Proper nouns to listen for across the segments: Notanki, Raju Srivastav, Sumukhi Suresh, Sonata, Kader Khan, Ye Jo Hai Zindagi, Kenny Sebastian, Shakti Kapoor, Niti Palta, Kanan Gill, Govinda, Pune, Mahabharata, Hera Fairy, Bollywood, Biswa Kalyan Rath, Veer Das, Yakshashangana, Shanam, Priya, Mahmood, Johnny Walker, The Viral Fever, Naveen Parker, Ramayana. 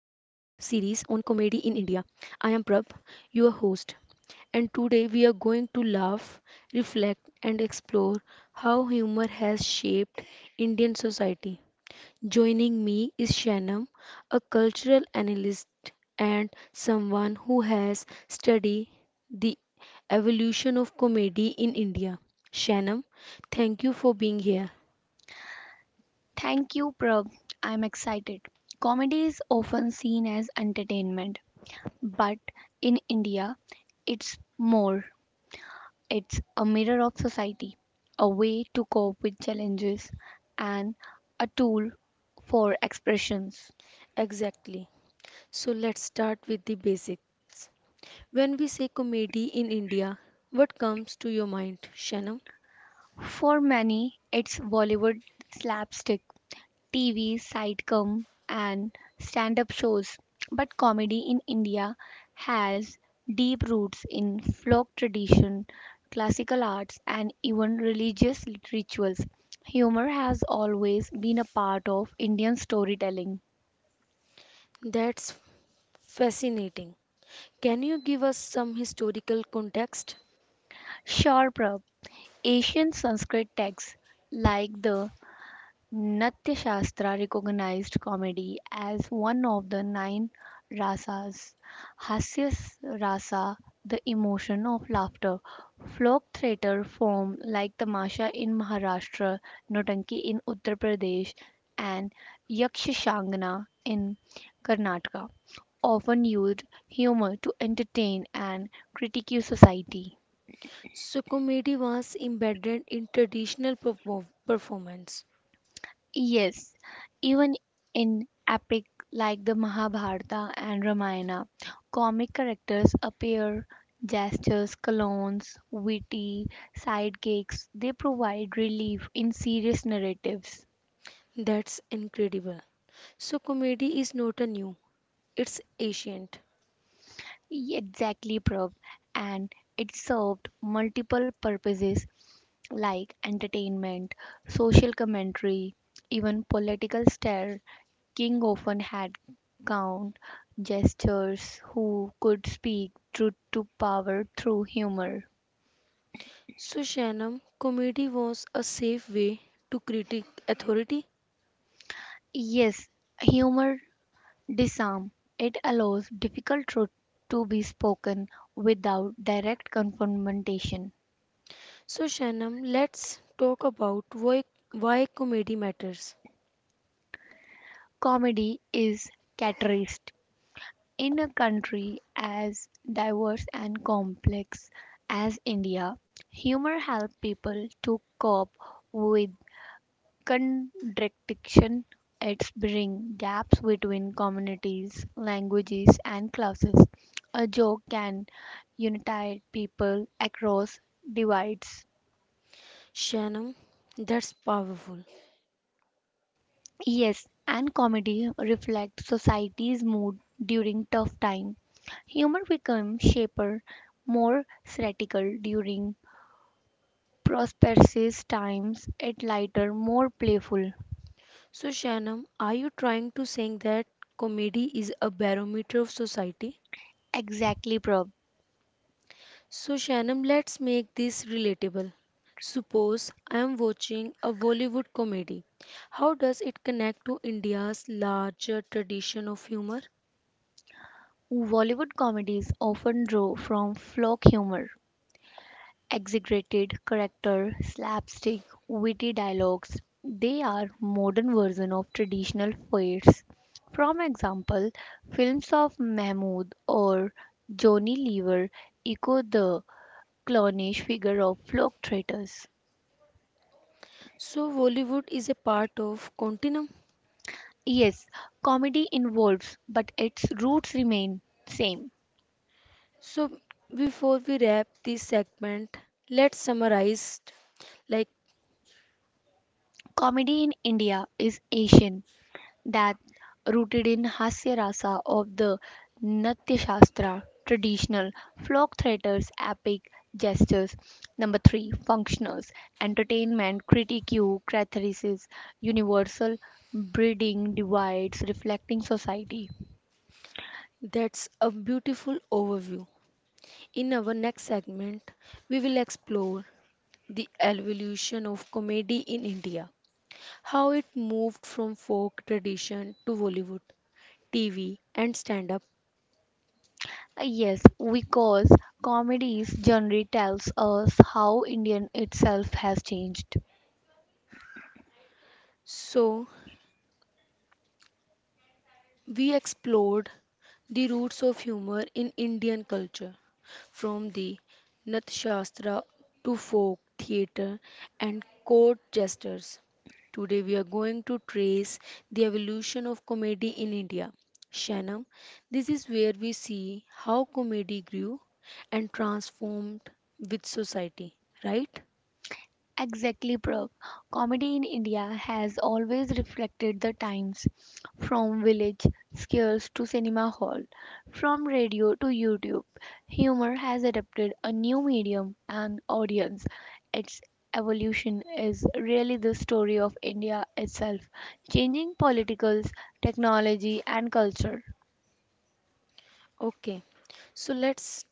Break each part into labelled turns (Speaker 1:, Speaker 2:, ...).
Speaker 1: comedy in India. I am Prab, your host, and today we are going to laugh, reflect, and explore how humor has shaped Indian society. Joining me is Shanam, a cultural analyst and someone who has studied the evolution of comedy in India. Shanam, thank you for being here.
Speaker 2: Thank you, Prab. I'm excited. Comedy is often seen as entertainment, but in India, it's more. It's a mirror of society, a way to cope with challenges, and a tool for expressions.
Speaker 1: Exactly. So let's start with the basics. When we say comedy in India, what comes to your mind, Shanam?
Speaker 2: For many, it's Bollywood slapstick. TV, sitcom, and stand up shows. But comedy in India has deep roots in folk tradition, classical arts, and even religious rituals. Humor has always been a part of Indian storytelling.
Speaker 1: That's fascinating. Can you give us some historical context?
Speaker 2: Sure, Prab, Asian Sanskrit texts like the Natya Shastra recognized comedy as one of the nine rasas. Hasya rasa, the emotion of laughter. Folk theatre form like Tamasha in Maharashtra, Notanki in Uttar Pradesh, and Yakshashangana in Karnataka often used humor to entertain and critique society.
Speaker 1: So, comedy was embedded in traditional performance.
Speaker 2: Yes, even in epic like the Mahabharata and Ramayana, comic characters appear, gestures, colognes, witty sidekicks, they provide relief in serious narratives.
Speaker 1: That's incredible. So, comedy is not a new, it's ancient.
Speaker 2: Exactly, Prab, and it served multiple purposes like entertainment, social commentary, even political satire King often had clown jesters who could speak truth to power through humor.
Speaker 1: So, Shanam, comedy was a safe way to critique authority.
Speaker 2: Yes, humor disarms. It allows difficult truth to be spoken without direct confrontation.
Speaker 1: So, Shanam, let's talk about why comedy matters.
Speaker 2: Comedy is catarist. In a country as diverse and complex as India, humor helps people to cope with Contradiction. It's bring gaps between communities, languages, and classes. A joke can unite people across divides.
Speaker 1: Shanam, that's powerful.
Speaker 2: Yes, and comedy reflects society's mood during tough times. Humor becomes shaper, more satirical during prosperous times, it lighter, more playful.
Speaker 1: So, Shanam, are you trying to say that comedy is a barometer of society?
Speaker 2: Exactly, Prab.
Speaker 1: So, Shanam, let's make this relatable. Suppose I am watching a Bollywood comedy. How does it connect to India's larger tradition of humor?
Speaker 2: Bollywood comedies often draw from folk humor exaggerated character, slapstick, witty dialogues. They are modern version of traditional fairs. From example, films of Mahmood or Johnny Lever echo the clownish figure of folk traitors.
Speaker 1: So, Bollywood is a part of continuum.
Speaker 2: Yes, comedy involves, but its roots remain same.
Speaker 1: So before we wrap this segment, let's summarize like
Speaker 2: Comedy in India is Asian that rooted in Hasya Rasa of the Natya Shastra, traditional folk theatres, epic gestures. Number three, functionals, entertainment, critique, catharsis, universal breeding divides reflecting society.
Speaker 1: that's a beautiful overview. In our next segment, we will explore the evolution of comedy in India, how it moved from folk tradition to Bollywood, TV, and stand up.
Speaker 2: Yes, because comedy's genre tells us how Indian itself has changed.
Speaker 1: So, we explored the roots of humor in Indian culture, from the Natyashastra to folk theatre and court jesters. Today we are going to trace the evolution of comedy in India. Shanam, this is where we see how comedy grew and transformed with society, right?
Speaker 2: Exactly, Prav. Comedy in India has always reflected the times, from village scares to cinema hall, from radio to YouTube. Humor has adapted a new medium and audience. Its evolution is really the story of India itself, changing politicals, technology, and culture.
Speaker 1: Okay, so let's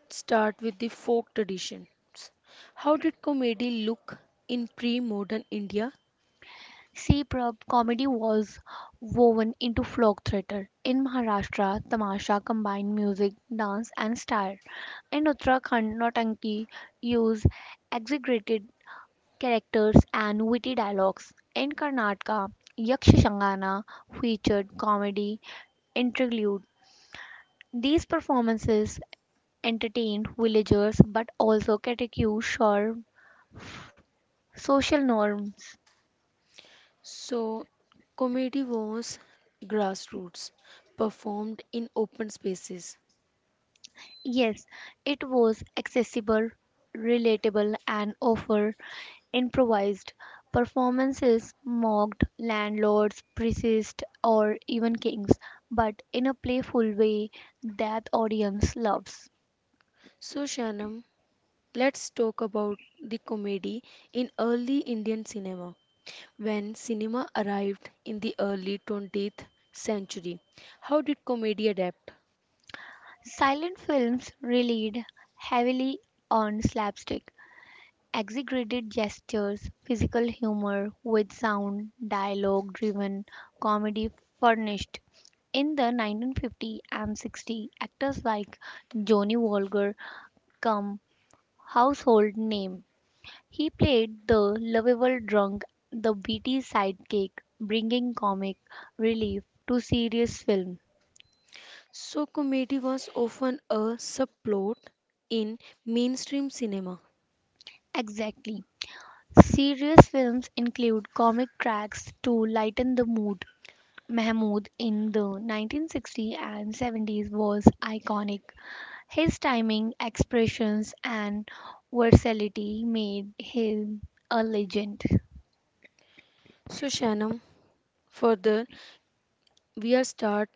Speaker 1: Let's start with the folk traditions. How did comedy look in pre modern India?
Speaker 2: C-prab Comedy was woven into folk theatre. In Maharashtra, tamasha combined music, dance and style. In Uttarakhand, Nautanki used exaggerated characters and witty dialogues. In Karnataka, Yakshashangana featured comedy interlude. These performances entertained villagers but also criticized social norms.
Speaker 1: So, comedy was grassroots, performed in open spaces.
Speaker 2: Yes, it was accessible, relatable, and offered improvised performances, mocked landlords, priests, or even kings, but in a playful way that audience loves.
Speaker 1: So, Shanam, let's talk about the comedy in early Indian cinema. When cinema arrived in the early 20th century, how did comedy adapt?
Speaker 2: Silent films relied heavily on slapstick, exaggerated gestures, physical humor with sound, dialogue driven comedy furnished. In the 1950 and 60, actors like Johnny Walker come household name. He played the lovable drunk, the witty sidekick, bringing comic relief to serious film.
Speaker 1: So, comedy was often a subplot in mainstream cinema.
Speaker 2: Exactly. Serious films include comic tracks to lighten the mood, Mahmood in the 1960s and 70s was iconic. His timing, expressions, and versatility made him a legend.
Speaker 1: So, Shanam, further, we are start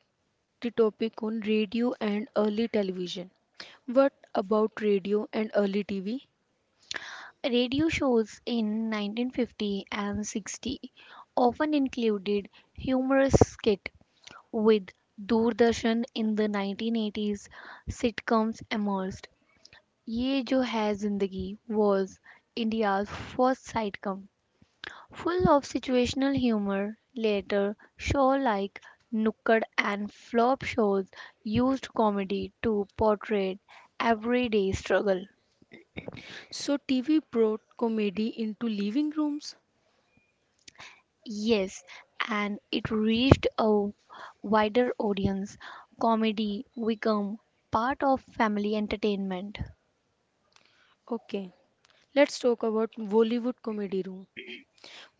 Speaker 1: the topic on radio and early television. What about radio and early TV?
Speaker 2: Radio shows in 1950 and 60 often included humorous skits with Doordarshan in the 1980s sitcoms emerged. Ye Jo Hai Zindagi was India's first sitcom Full of situational humor, later shows like Nooked and Flop Shows used comedy to portray everyday struggle.
Speaker 1: So, TV brought comedy into living rooms.
Speaker 2: Yes, and it reached a wider audience. Comedy became part of family entertainment.
Speaker 1: Okay, let's talk about Bollywood comedy room.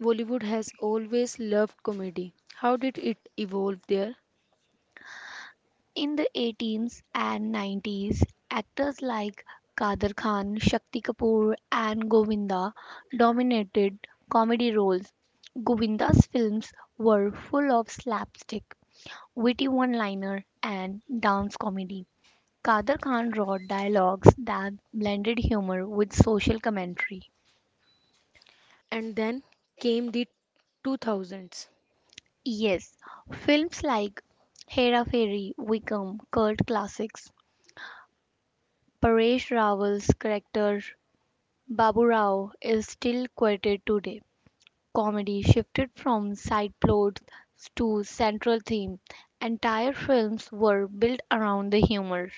Speaker 1: Bollywood has always loved comedy. How did it evolve there?
Speaker 2: In the 80s and 90s, actors like Kader Khan, Shakti Kapoor, and Govinda dominated comedy roles. Govinda's films were full of slapstick, witty one liner, and dance comedy. Kader Khan wrote dialogues that blended humor with social commentary.
Speaker 1: And then came the 2000s.
Speaker 2: Yes, films like Hera Fairy, Wickham, cult classics. Paresh Rawal's character Babu Rao is still quoted today. Comedy shifted from side plots to central theme. Entire films were built around the humor.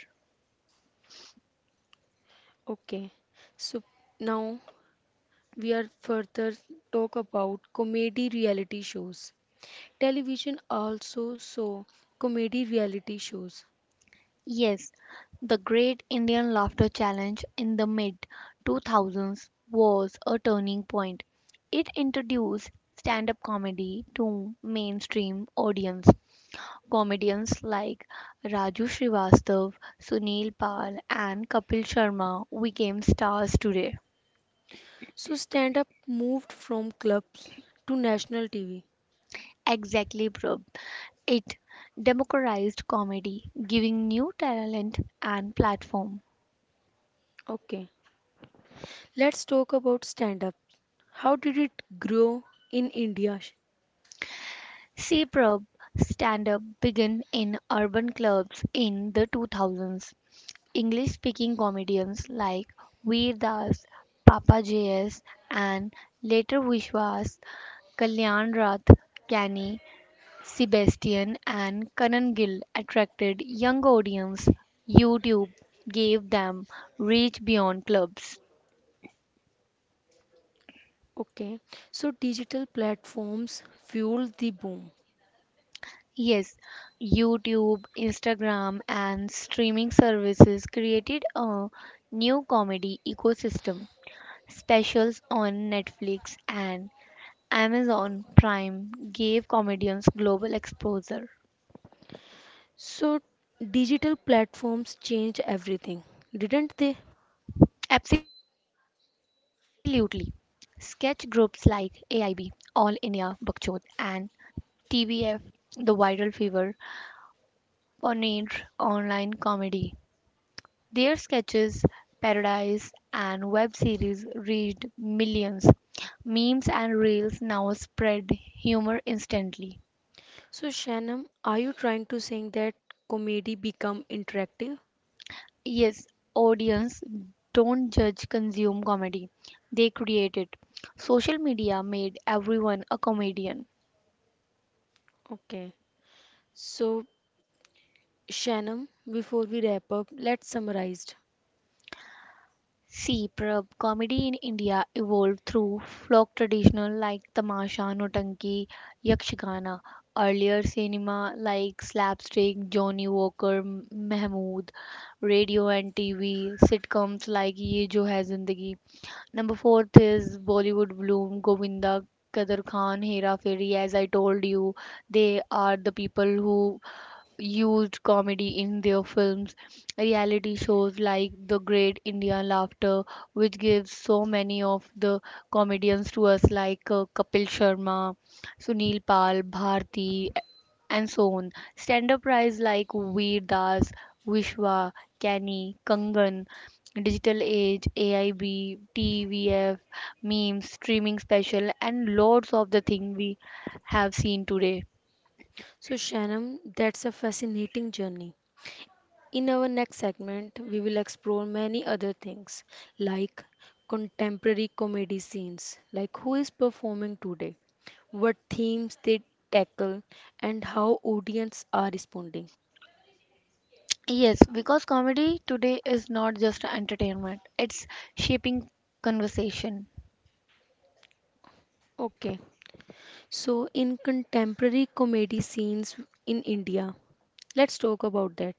Speaker 1: Okay, so now we are further talk about comedy reality shows. Television also saw comedy reality shows.
Speaker 2: Yes, the Great Indian Laughter Challenge in the mid 2000s was a turning point. It introduced stand up comedy to mainstream audience. Comedians like Raju Srivastav, Sunil Pal, and Kapil Sharma became stars today.
Speaker 1: So stand up moved from clubs to national TV.
Speaker 2: Exactly, Prabh. It democratized comedy, giving new talent and platform.
Speaker 1: Okay, let's talk about stand up. How did it grow in India?
Speaker 2: C probe Stand-up began in urban clubs in the 2000s. English-speaking comedians like Veer Das, JS, and later Vishwas Kalyan Rath, Kenny Sebastian, and Kanan Gill attracted young audiences. YouTube gave them reach beyond clubs.
Speaker 1: Okay, so digital platforms fueled the boom.
Speaker 2: Yes, YouTube, Instagram, and streaming services created a new comedy ecosystem. Specials on Netflix and Amazon Prime gave comedians global exposure.
Speaker 1: So digital platforms changed everything, didn't they?
Speaker 2: Absolutely. Sketch groups like AIB, All India Bakchod, and TVF, The Viral Fever, pioneered online comedy. Their sketches, parodies, and web series reached millions. Memes and reels now spread humor instantly.
Speaker 1: So Shanam, are you trying to say that comedy become interactive?
Speaker 2: Yes, audience don't judge consume comedy. They create it. Social media made everyone a comedian.
Speaker 1: Okay. So Shanam, before we wrap up, let's summarize.
Speaker 2: See Prabh, comedy in India evolved through folk tradition like tamasha, notanki, yakshagana. Earlier cinema like slapstick, Johnny Walker, Mahmood, radio and TV, sitcoms like Ye Jo Hai Zindagi. Number fourth is Bollywood Bloom, Govinda, Kadir Khan, Hera Feri. As I told you, they are the people who used comedy in their films. Reality shows like The Great Indian Laughter, which gives so many of the comedians to us, like Kapil Sharma, Sunil Pal, Bharti, and so on. Stand up prize like Veer Das, Vishwa, Kenny, Kangan. Digital Age, AIB, TVF, memes, streaming special, and loads of the thing we have seen today.
Speaker 1: So, Shanam, that's a fascinating journey. In our next segment, we will explore many other things like contemporary comedy scenes, like who is performing today, what themes they tackle, and how audience are responding.
Speaker 2: Yes, because comedy today is not just entertainment, it's shaping conversation.
Speaker 1: Okay, so in contemporary comedy scenes in India, let's talk about that.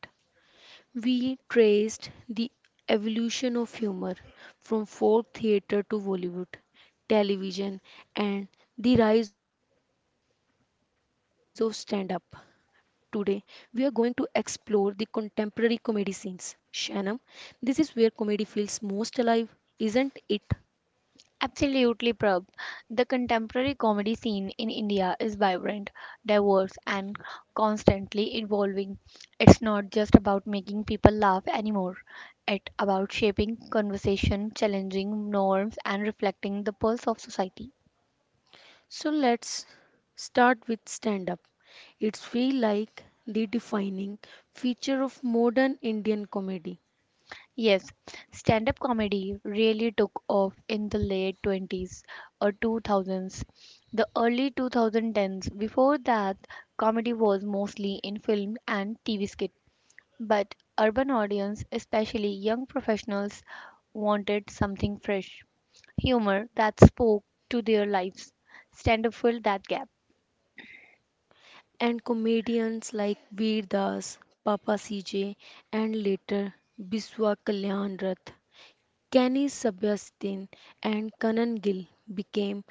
Speaker 1: We traced the evolution of humor from folk theater to Bollywood, television, and the rise of stand up. Today, we are going to explore the contemporary comedy scenes. Shanam, this is where comedy feels most alive, isn't it?
Speaker 2: Absolutely, Prab. The contemporary comedy scene in India is vibrant, diverse, and constantly evolving. It's not just about making people laugh anymore, it's about shaping conversation, challenging norms, and reflecting the pulse of society.
Speaker 1: So let's start with stand up. It's feel like the defining feature of modern Indian comedy.
Speaker 2: Yes, stand up comedy really took off in the late 20s or 2000s, the early 2010s. Before that, comedy was mostly in film and TV skit. But urban audience, especially young professionals, wanted something fresh, humor that spoke to their lives. Stand up filled that gap.
Speaker 1: And comedians like Veer Das, Papa CJ, and later Biswa Kalyan Rath, Kenny Sebastian, and Kanan Gill became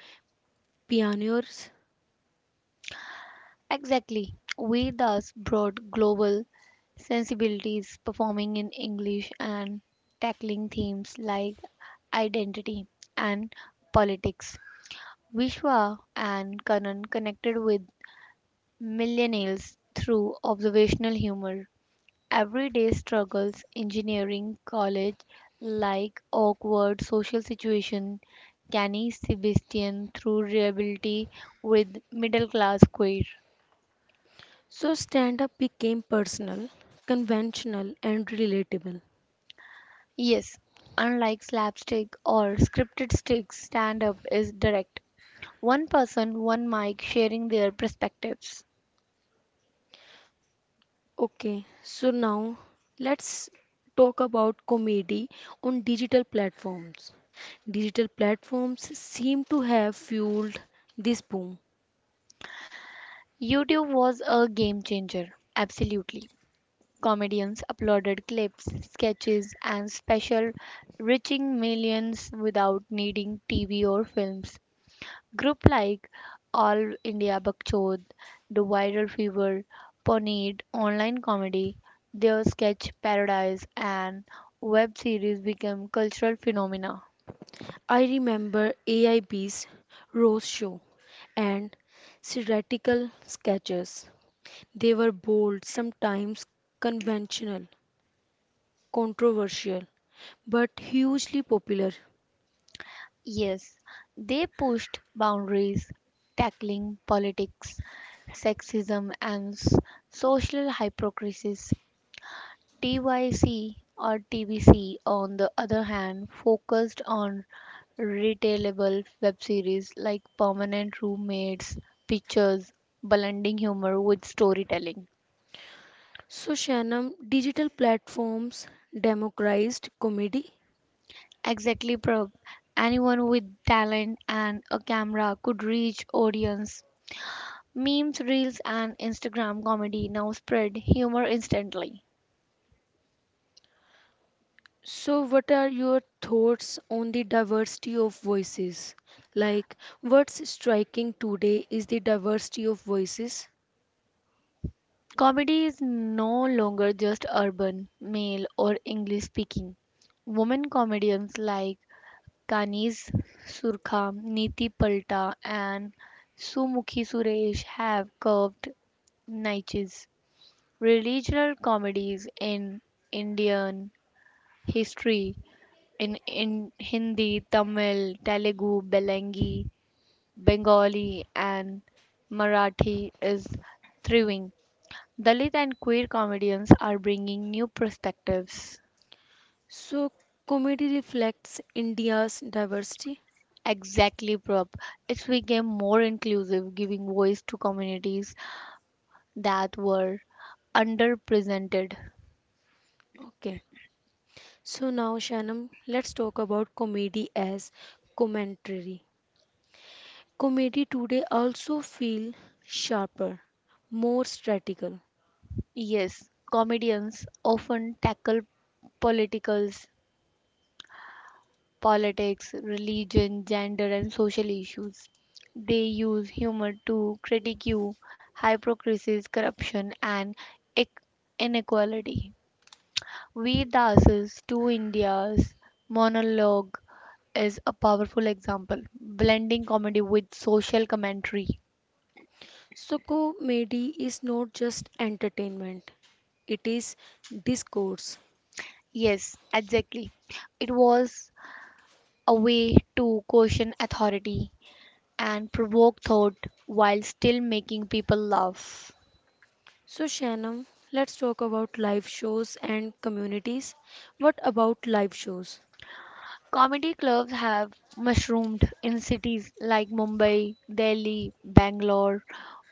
Speaker 1: pioneers.
Speaker 2: Exactly. We thus brought global sensibilities, performing in English, and tackling themes like identity and politics. Vishwa and Kanan connected with millennials through observational humor, everyday struggles, engineering, college, like awkward social situation, Kenny Sebastian through reliability with middle class queer.
Speaker 1: So stand up became personal, conventional, and relatable.
Speaker 2: Yes, unlike slapstick or scripted sticks, stand up is direct. One person, one mic, sharing their perspectives.
Speaker 1: Okay, so now let's talk about comedy on digital platforms. Digital platforms seem to have fueled this boom.
Speaker 2: YouTube was a game changer, absolutely. Comedians uploaded clips, sketches, and special, reaching millions without needing TV or films. Group like All India Bakchod, The Viral Fever, Pawnee Online Comedy, Their Sketch Paradise, and web series became cultural phenomena.
Speaker 1: I remember AIB's show and satirical sketches. They were bold, sometimes conventional, controversial, but hugely popular.
Speaker 2: Yes, they pushed boundaries, tackling politics, sexism, and social hypocrisy TYC or TVC, on the other hand, focused on retailable web series like Permanent Roommates, Pictures, blending humor with storytelling.
Speaker 1: So, Shannon, digital platforms democratized comedy.
Speaker 2: Exactly, Prab. Anyone with talent and a camera could reach audience. Memes, reels, and Instagram comedy now spread humor instantly.
Speaker 1: So, what are your thoughts on the diversity of voices? Like, what's striking today is the diversity of voices.
Speaker 2: Comedy is no longer just urban, male, or English speaking. Women comedians like Kaniz Surkham, Niti Palta, and Sumukhi Suresh have carved niches. Religious comedies in Indian history in, Hindi, Tamil, Telugu, Belengi, Bengali, and Marathi is thriving. Dalit and queer comedians are bringing new perspectives.
Speaker 1: So comedy reflects India's diversity.
Speaker 2: Exactly, Prop. It's became more inclusive, giving voice to communities that were underrepresented.
Speaker 1: Okay. So now Shanam, let's talk about comedy as commentary. Comedy today also feel sharper, more strategical.
Speaker 2: Yes, comedians often tackle politicals, politics, religion, gender, and social issues. They use humor to critique hypocrisy, corruption, and ec- inequality. We Das's Two India's monologue is a powerful example, blending comedy with social commentary.
Speaker 1: So comedy is not just entertainment, it is discourse.
Speaker 2: Yes, exactly. It was a way to question authority and provoke thought while still making people laugh.
Speaker 1: So Shanam, let's talk about live shows and communities. What about live shows?
Speaker 2: Comedy clubs have mushroomed in cities like Mumbai, Delhi, Bangalore.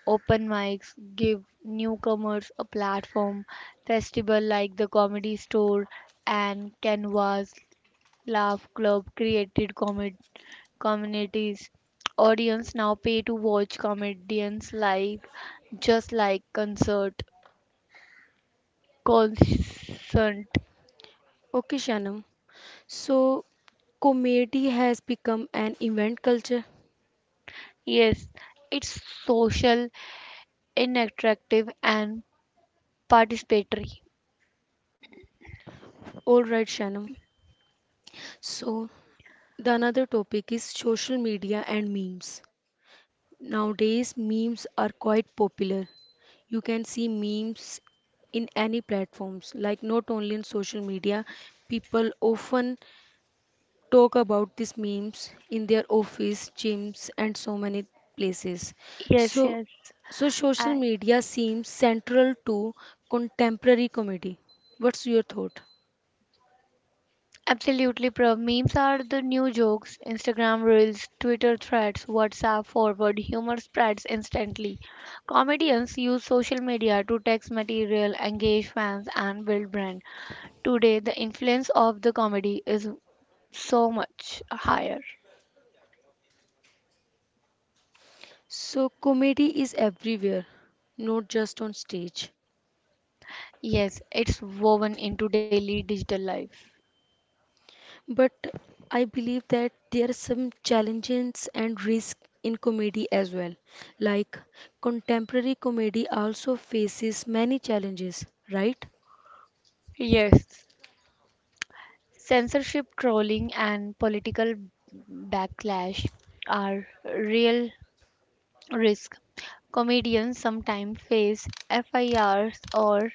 Speaker 2: Open mics give newcomers a platform. Festival like the Comedy Store and Canvas Laugh Club created comedy communities. Audience now pay to watch comedians live, just like concert. Consent.
Speaker 1: Okay, Shanam. So comedy has become an event culture.
Speaker 2: Yes, it's social, interactive, and participatory.
Speaker 1: All right, Shannon. So, the another topic is social media and memes. Nowadays, memes are quite popular. You can see memes in any platforms, like not only in social media. People often talk about these memes in their office, gyms, and so many places.
Speaker 2: Yes,
Speaker 1: So,
Speaker 2: yes.
Speaker 1: so social
Speaker 2: I
Speaker 1: media seems central to contemporary comedy. What's your thought?
Speaker 2: Absolutely, Prav. Memes are the new jokes. Instagram reels, Twitter threads, WhatsApp forward, humor spreads instantly. Comedians use social media to text material, engage fans, and build brand. Today, the influence of the comedy is so much higher.
Speaker 1: So, comedy is everywhere, not just on stage.
Speaker 2: Yes, it's woven into daily digital life.
Speaker 1: But I believe that there are some challenges and risks in comedy as well. Like, contemporary comedy also faces many challenges, right?
Speaker 2: Yes, censorship, trolling, and political backlash are real risk. Comedians sometimes face FIRs or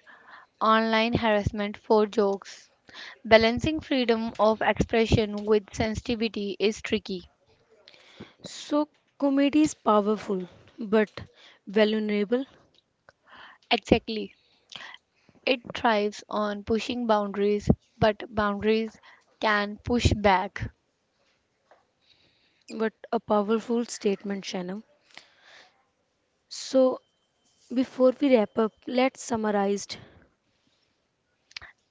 Speaker 2: online harassment for jokes. Balancing freedom of expression with sensitivity is tricky.
Speaker 1: So, comedy is powerful, but vulnerable.
Speaker 2: Exactly. It thrives on pushing boundaries, but boundaries can push back.
Speaker 1: But a powerful statement, Shanam. So, before we wrap up, let's summarize.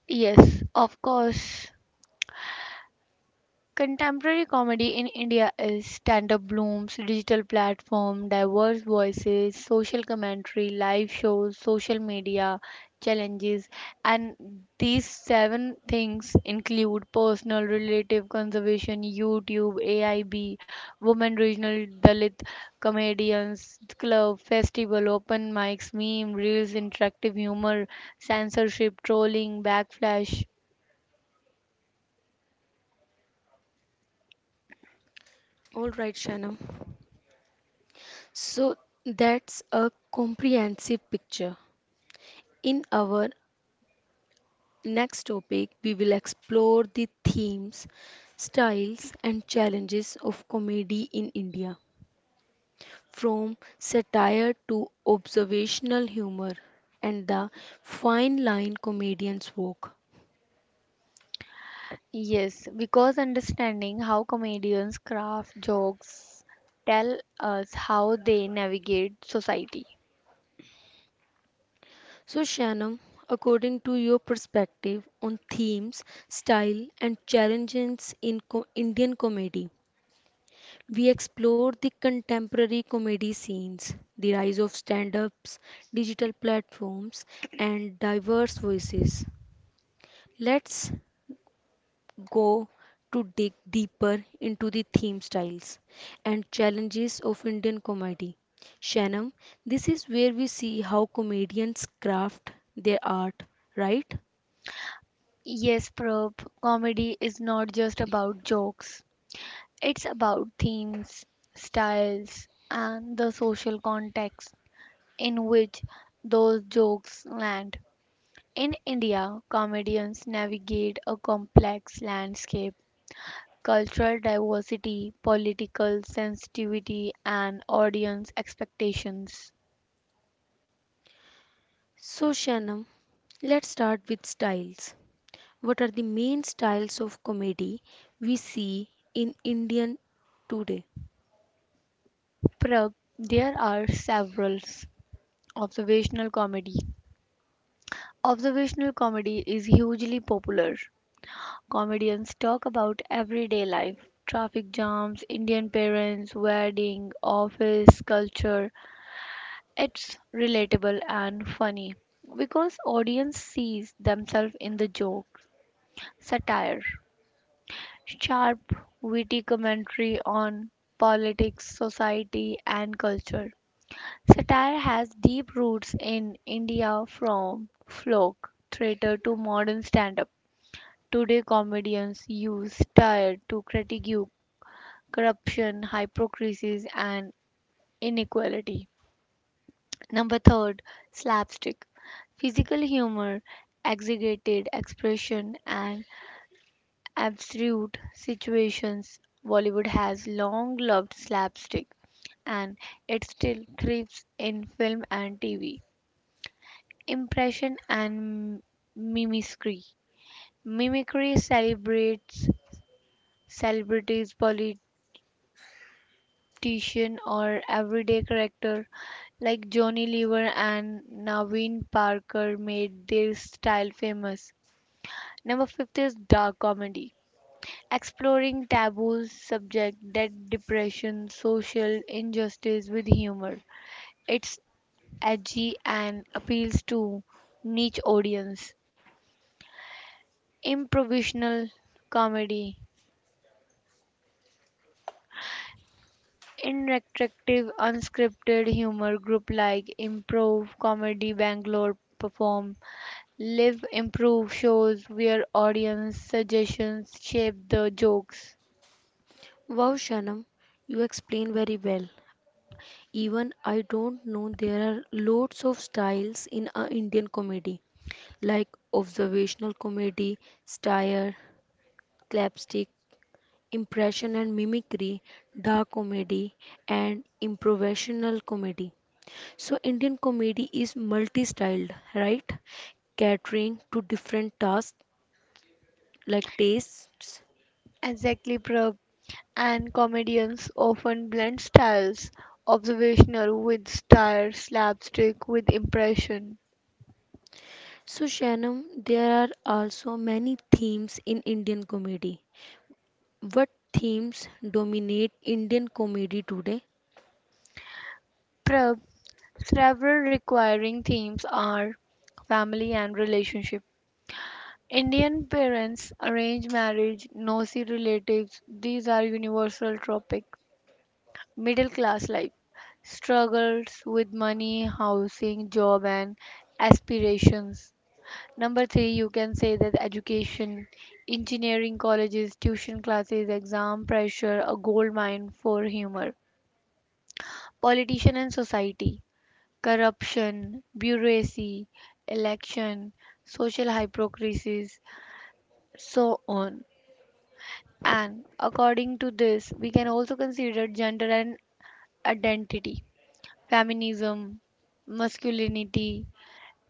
Speaker 2: Yes, of course, contemporary comedy in India is stand up blooms, digital platform, diverse voices, social commentary, live shows, social media challenges, and these seven things include personal, relative conservation, YouTube, AIB, women regional Dalit comedians, club, festival, open mics, meme, reels, interactive humor, censorship, trolling, backflash,
Speaker 1: All right, Shanam. So that's a comprehensive picture. In our next topic, we will explore the themes, styles, and challenges of comedy in India, from satire to observational humor and the fine line comedians walk.
Speaker 2: yes, because understanding how comedians craft jokes tell us how they navigate society.
Speaker 1: So, Shannon, according to your perspective on themes, style, and challenges in Indian comedy, we explore the contemporary comedy scenes, the rise of stand ups, digital platforms, and diverse voices. Let's go to dig deeper into the theme styles and challenges of Indian comedy. Shanam, this is where we see how comedians craft their art, right?
Speaker 2: Yes, Prab, comedy is not just about jokes. It's about themes, styles, and the social context in which those jokes land. In India, comedians navigate a complex landscape Cultural diversity, political sensitivity, and audience expectations.
Speaker 1: So, Shanam, let's start with styles. What are the main styles of comedy we see in Indian today?
Speaker 2: Prag, there are several. Observational comedy. Observational comedy is hugely popular. Comedians talk about everyday life, traffic jams, Indian parents, wedding, office culture. It's relatable and funny because audience sees themselves in the jokes. Satire. Sharp, witty commentary on politics, society, and culture. Satire has deep roots in India, from folk theatre to modern stand up. Today, comedians use satire to critique corruption, hypocrisy, and inequality. Number third, slapstick. Physical humor, exaggerated expression, and absurd situations. Bollywood has long loved slapstick, and it still thrives in film and TV. Impression and mimicry. Mimicry celebrates celebrities, politician or everyday character like Johnny Lever and Naveen Parker made their style famous. Number 5 is dark comedy, exploring taboos subject that depression, social injustice with humor. It's edgy and appeals to niche audience. Improvisational comedy. Interactive unscripted humor group like Improv Comedy Bangalore perform live improv shows where audience suggestions shape the jokes.
Speaker 1: Wow, Shanam, you explain very well. Even I don't know there are lots of styles in Indian comedy like observational comedy, style, slapstick, impression and mimicry, dark comedy and improvisational comedy. So Indian comedy is multi-styled, right? Catering to different tasks like tastes.
Speaker 2: Exactly, Prab. And comedians often blend styles, observational with style, slapstick with impression.
Speaker 1: So Shanam, there are also many themes in Indian comedy. What themes dominate Indian comedy today?
Speaker 2: Prab, several requiring themes are family and relationship. Indian parents, arranged marriage, nosy relatives, these are universal topics. Middle class life, struggles with money, housing, job, and aspirations. Number three, you can say that education, engineering colleges, tuition classes, exam pressure, a gold mine for humor. Politician and society, corruption, bureaucracy, election, social hypocrisies, so on. And according to this, we can also consider gender and identity, feminism, masculinity,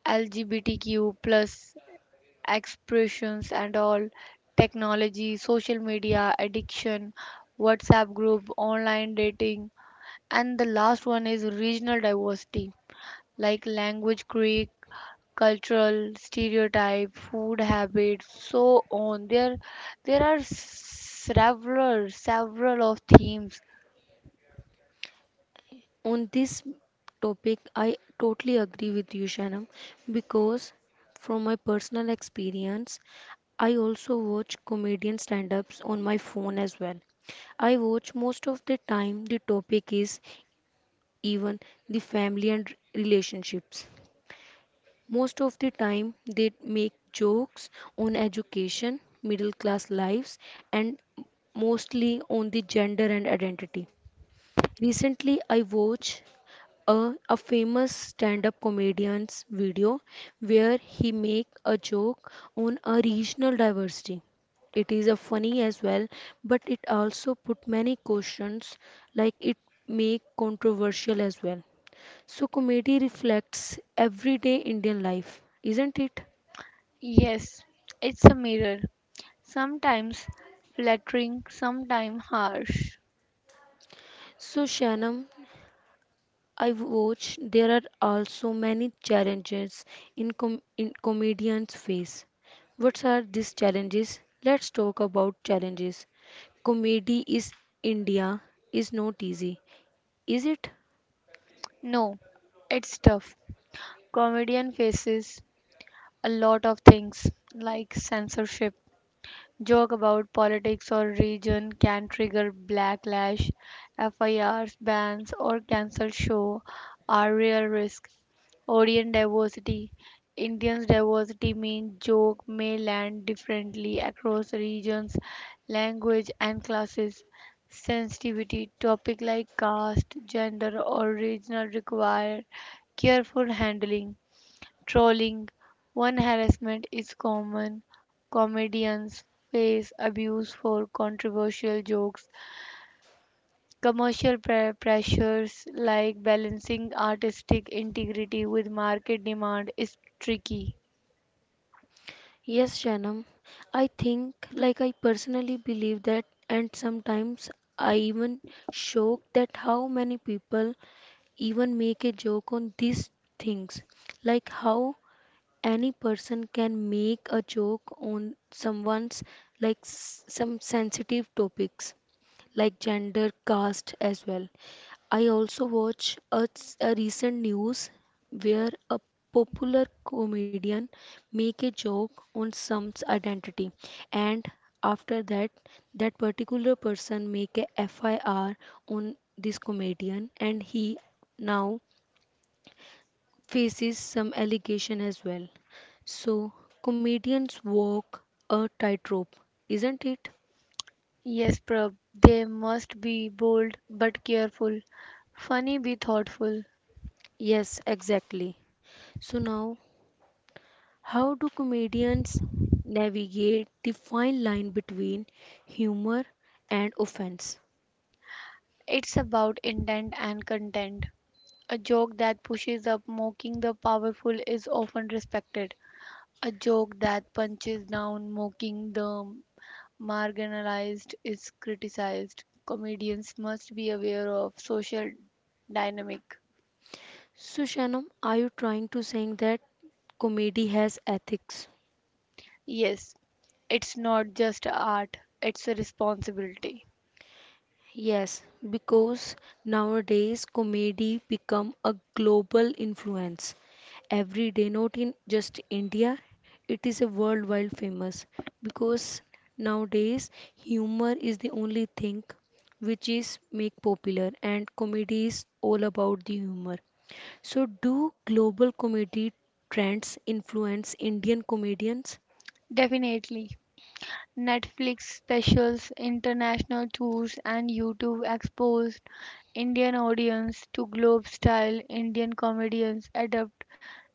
Speaker 2: LGBTQ plus expressions and all, technology, social media addiction, WhatsApp group, online dating, and the last one is regional diversity, like language creek, cultural stereotype, food habits, so on. There are several of themes.
Speaker 1: On this topic, I totally agree with you, Shanam, because from my personal experience, I also watch comedian stand ups on my phone as well. I watch most of the time the topic is even the family and relationships. Most of the time, they make jokes on education, middle class lives, and mostly on the gender and identity. Recently, I watched a famous stand-up comedian's video where he make a joke on a regional diversity. It is a funny as well, but it also put many questions like it make controversial as well. So comedy reflects everyday Indian life, isn't it?
Speaker 2: Yes, it's a mirror, sometimes flattering, sometimes harsh.
Speaker 1: So Shanam, I watch there are also many challenges in in comedians face. What are these challenges? Let's talk about challenges. Comedy is India is not easy, is it?
Speaker 2: No, it's tough. Comedian faces a lot of things like censorship. Joke about politics or region can trigger backlash. FIRs, bans, or cancelled show are real risk. Audience diversity. Indians' diversity means joke may land differently across regions, language, and classes. Sensitivity topic like caste, gender, or regional require careful handling. Trolling. One harassment is common. Comedians face abuse for controversial jokes. Commercial pressures like balancing artistic integrity with market demand is tricky.
Speaker 1: Yes, Shanam. I think, like I personally believe that, and sometimes I even shocked that how many people even make a joke on these things, like how any person can make a joke on someone's like some sensitive topics like gender, caste as well. I also watch a recent news where a popular comedian make a joke on someone's identity and after that that particular person make a FIR on this comedian and he now faces some allegation as well. So, comedians walk a tightrope, isn't it?
Speaker 2: Yes, Prab, they must be bold but careful. Funny be thoughtful.
Speaker 1: Yes, exactly. So, now how do comedians navigate the fine line between humor and offense?
Speaker 2: It's about intent and content. A joke that pushes up, mocking the powerful, is often respected. A joke that punches down, mocking the marginalized, is criticized. Comedians must be aware of social dynamic.
Speaker 1: So, Shanam, are you trying to saying that comedy has ethics?
Speaker 2: Yes, it's not just art, it's a responsibility.
Speaker 1: Yes, because nowadays comedy become a global influence. Every day, not in just India, it is a worldwide famous because nowadays humor is the only thing which is make popular and comedy is all about the humor. So do global comedy trends influence Indian comedians?
Speaker 2: Definitely. Netflix specials, international tours, and YouTube exposed Indian audience to globe style. Indian comedians adapt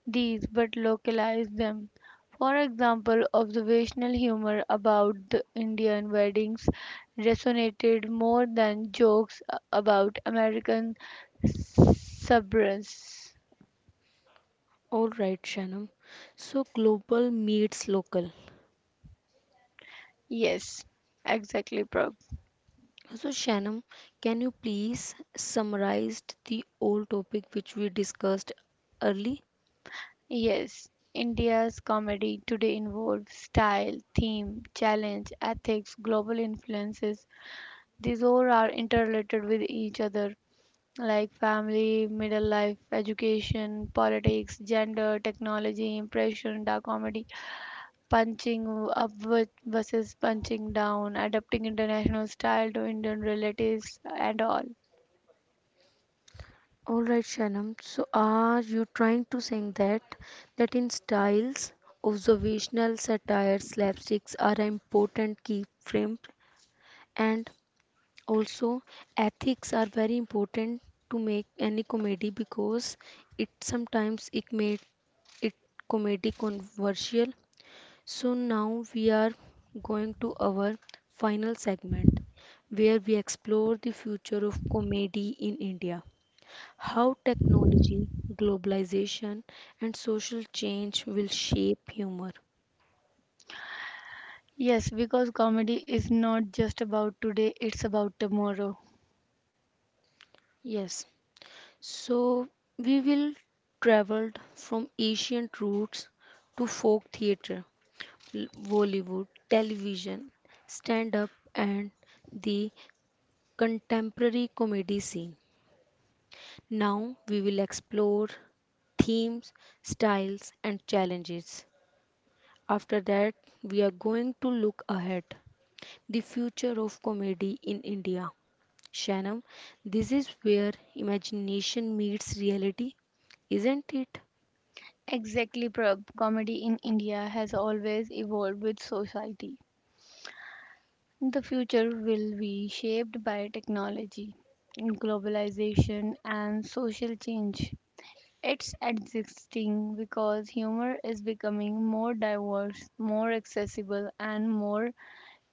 Speaker 2: these but localize them. For example, observational humor about the Indian weddings resonated more than jokes about American suburbs.
Speaker 1: All right, Shanam. So global meets local.
Speaker 2: Yes, exactly, Prab.
Speaker 1: So, Shanam, can you please summarize the old topic which we discussed early?
Speaker 2: Yes, India's comedy today involves style, theme, challenge, ethics, global influences. These all are interrelated with each other, like family, middle life, education, politics, gender, technology, impression, dark comedy, punching up versus punching down, adapting international style to Indian relatives, and all.
Speaker 1: All right, Shanam. So, are you trying to say that in styles, observational satire, slapsticks are an important key frame, and also ethics are very important to make any comedy because it sometimes it made it comedy controversial. So now we are going to our final segment where we explore the future of comedy in India. How technology, globalization, and social change will shape humor.
Speaker 2: Yes, because comedy is not just about today, it's about tomorrow.
Speaker 1: Yes, so we will traveled from ancient roots to folk theatre, Bollywood, television, stand up, and the contemporary comedy scene. Now we will explore themes, styles, and challenges. After that, we are going to look ahead. The future of comedy in India. Shanam, this is where imagination meets reality, isn't it?
Speaker 2: Exactly, Prab. Comedy in India has always evolved with society. The future will be shaped by technology, globalization, and social change. It's existing because humor is becoming more diverse, more accessible, and more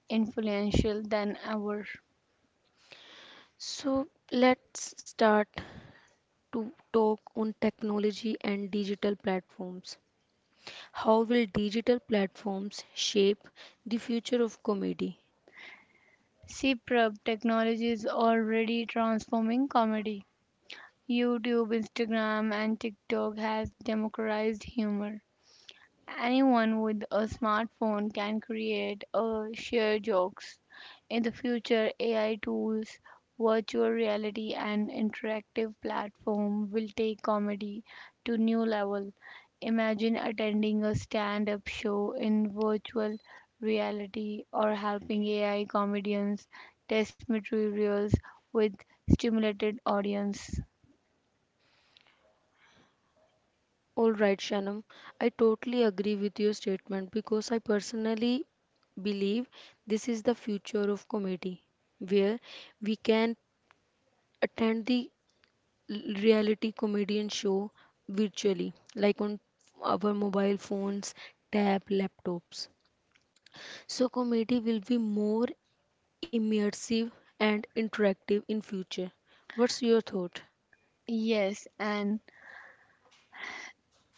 Speaker 2: influential than ever.
Speaker 1: So let's start to talk on technology and digital platforms. How will digital platforms shape the future of comedy?
Speaker 2: See, Prab, technology is already transforming comedy. YouTube, Instagram, and TikTok has democratized humor. Anyone with a smartphone can create a share jokes. In the future, AI tools, virtual reality, and interactive platform will take comedy to new level. Imagine attending a stand-up show in virtual reality, or helping AI comedians test materials with stimulated audience.
Speaker 1: All right, Shanam, I totally agree with your statement because I personally believe this is the future of comedy, where we can attend the reality comedian show virtually, like on our mobile phones, tab, laptops. So comedy will be more immersive and interactive in future. What's your thought?
Speaker 2: Yes, and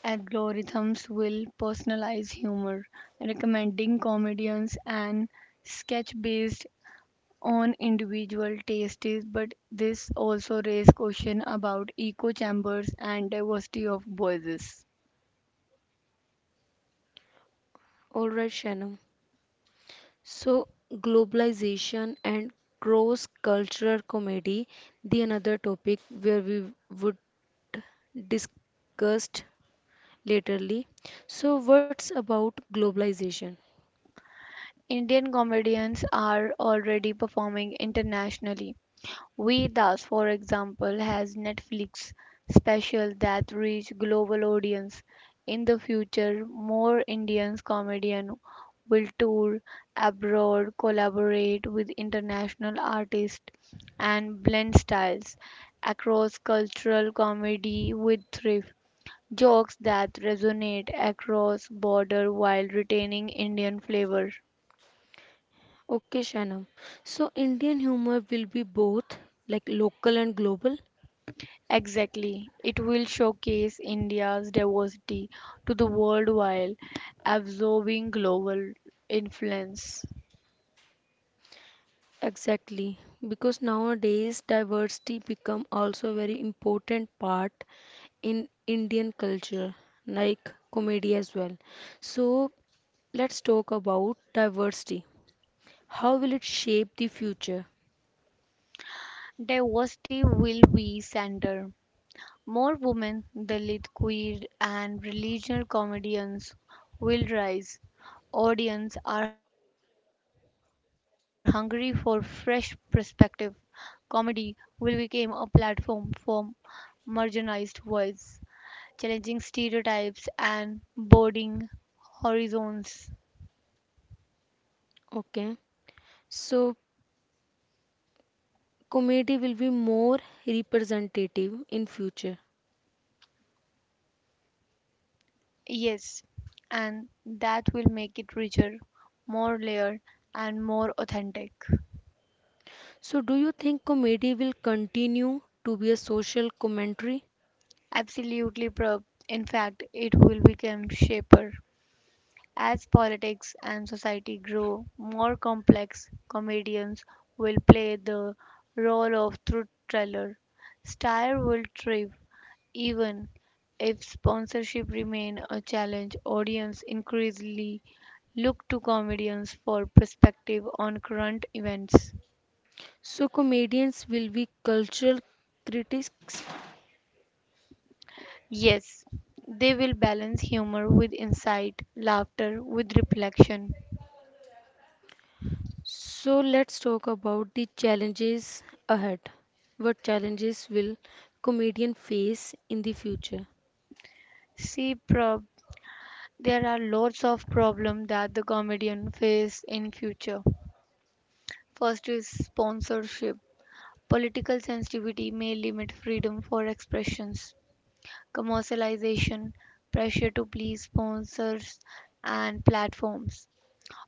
Speaker 2: algorithms will personalize humor, recommending comedians and sketch based on individual tastes, but this also raises questions about echo chambers and diversity of voices.
Speaker 1: All right, Shanam. So, globalization and cross cultural comedy, the another topic where we would discuss laterly. So, what's about globalization?
Speaker 2: Indian comedians are already performing internationally. Vedas, for example, has Netflix specials that reach global audience. In the future, more Indian comedians will tour abroad, collaborate with international artists, and blend styles across cultural comedy with thrift jokes that resonate across border while retaining Indian flavor.
Speaker 1: Okay, Shanam. So, Indian humor will be both like local and global.
Speaker 2: Exactly. It will showcase India's diversity to the world while absorbing global influence.
Speaker 1: Exactly, because nowadays diversity become also very important part in Indian culture, like comedy as well. So let's talk about diversity. How will it shape the future?
Speaker 2: Diversity will be center. More women, Dalit, queer, and regional comedians will rise. Audience are hungry for fresh perspective. Comedy will become a platform for marginalized voice, challenging stereotypes and broadening horizons.
Speaker 1: Okay. So comedy will be more representative in future.
Speaker 2: Yes, and that will make it richer, more layered, and more authentic.
Speaker 1: So do you think comedy will continue to be a social commentary?
Speaker 2: Absolutely, Prab. In fact, it will become shaper. As politics and society grow more complex, comedians will play the role of truth teller. Star will thrive even if sponsorship remain a challenge. Audience increasingly look to comedians for perspective on current events.
Speaker 1: So comedians will be cultural critics.
Speaker 2: Yes, they will balance humor with insight, laughter with reflection.
Speaker 1: So let's talk about the challenges ahead. What challenges will comedian face in the future?
Speaker 2: See, Prob, there are lots of problems that the comedian face in future. First is sponsorship. Political sensitivity may limit freedom for expressions. Commercialization, pressure to please sponsors and platforms.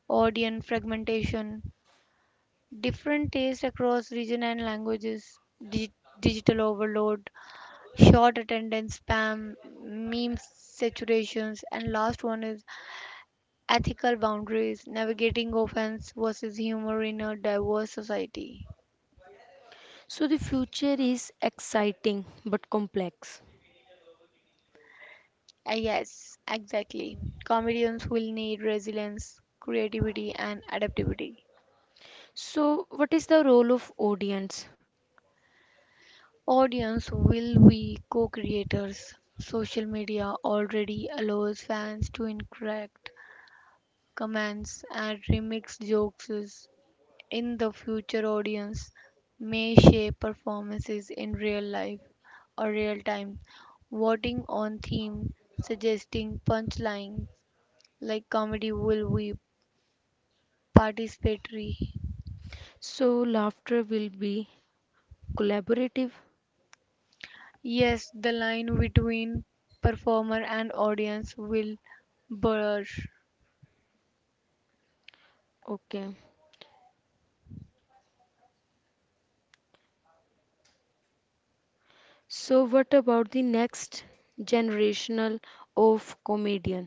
Speaker 2: Audience fragmentation, different tastes across region and languages. dig- Digital overload, short attendance spam, meme saturations. And last one is ethical boundaries, navigating offense versus humor in a diverse society.
Speaker 1: So the future is exciting but complex.
Speaker 2: Yes, exactly. Comedians will need resilience, creativity, and adaptability.
Speaker 1: So, what is the role of audience?
Speaker 2: Audience will be co creators? Social media already allows fans to interact, comments, and remix jokes. In the future, audience may shape performances in real life or real time, voting on theme, suggesting punchlines like comedy will be participatory.
Speaker 1: So, laughter will be collaborative.
Speaker 2: Yes, the line between performer and audience will blur.
Speaker 1: Okay. So, what about the next generational of comedian?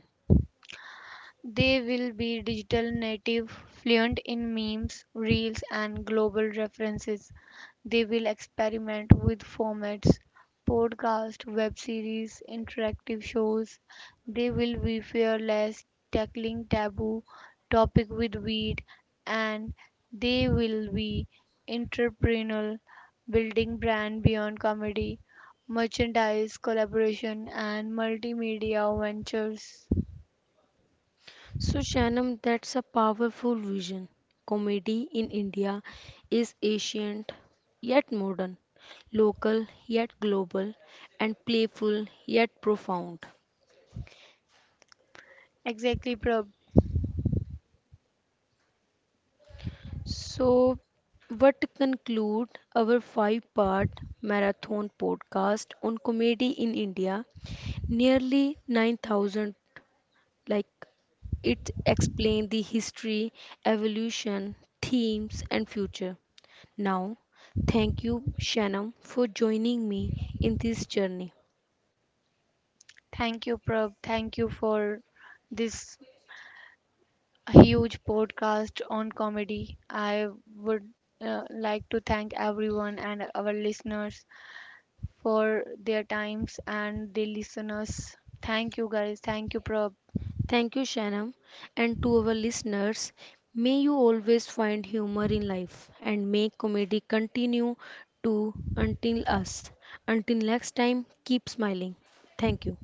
Speaker 2: They will be digital native, fluent in memes, reels, and global references. They will experiment with formats, podcast, web series, interactive shows. They will be fearless, tackling taboo topic with wit, and they will be entrepreneurial, building brand beyond comedy, merchandise, collaboration, and multimedia ventures.
Speaker 1: So, Shanam, that's a powerful vision. Comedy in India is ancient yet modern, local yet global, and playful yet profound.
Speaker 2: Exactly, Prab.
Speaker 1: So, what to conclude our five-part marathon podcast on comedy in India, nearly 9,000 like it explained the history, evolution, themes, and future. Now, thank you, Shanam, for joining me in this journey.
Speaker 2: Thank you, Prab. Thank you for this huge podcast on comedy. I would like to thank everyone and our listeners for their times and they listeners. Thank you, guys. Thank you, Prab.
Speaker 1: Thank you, Shanam, and to our listeners. May you always find humor in life and may comedy continue to until us. Until next time, keep smiling. Thank you.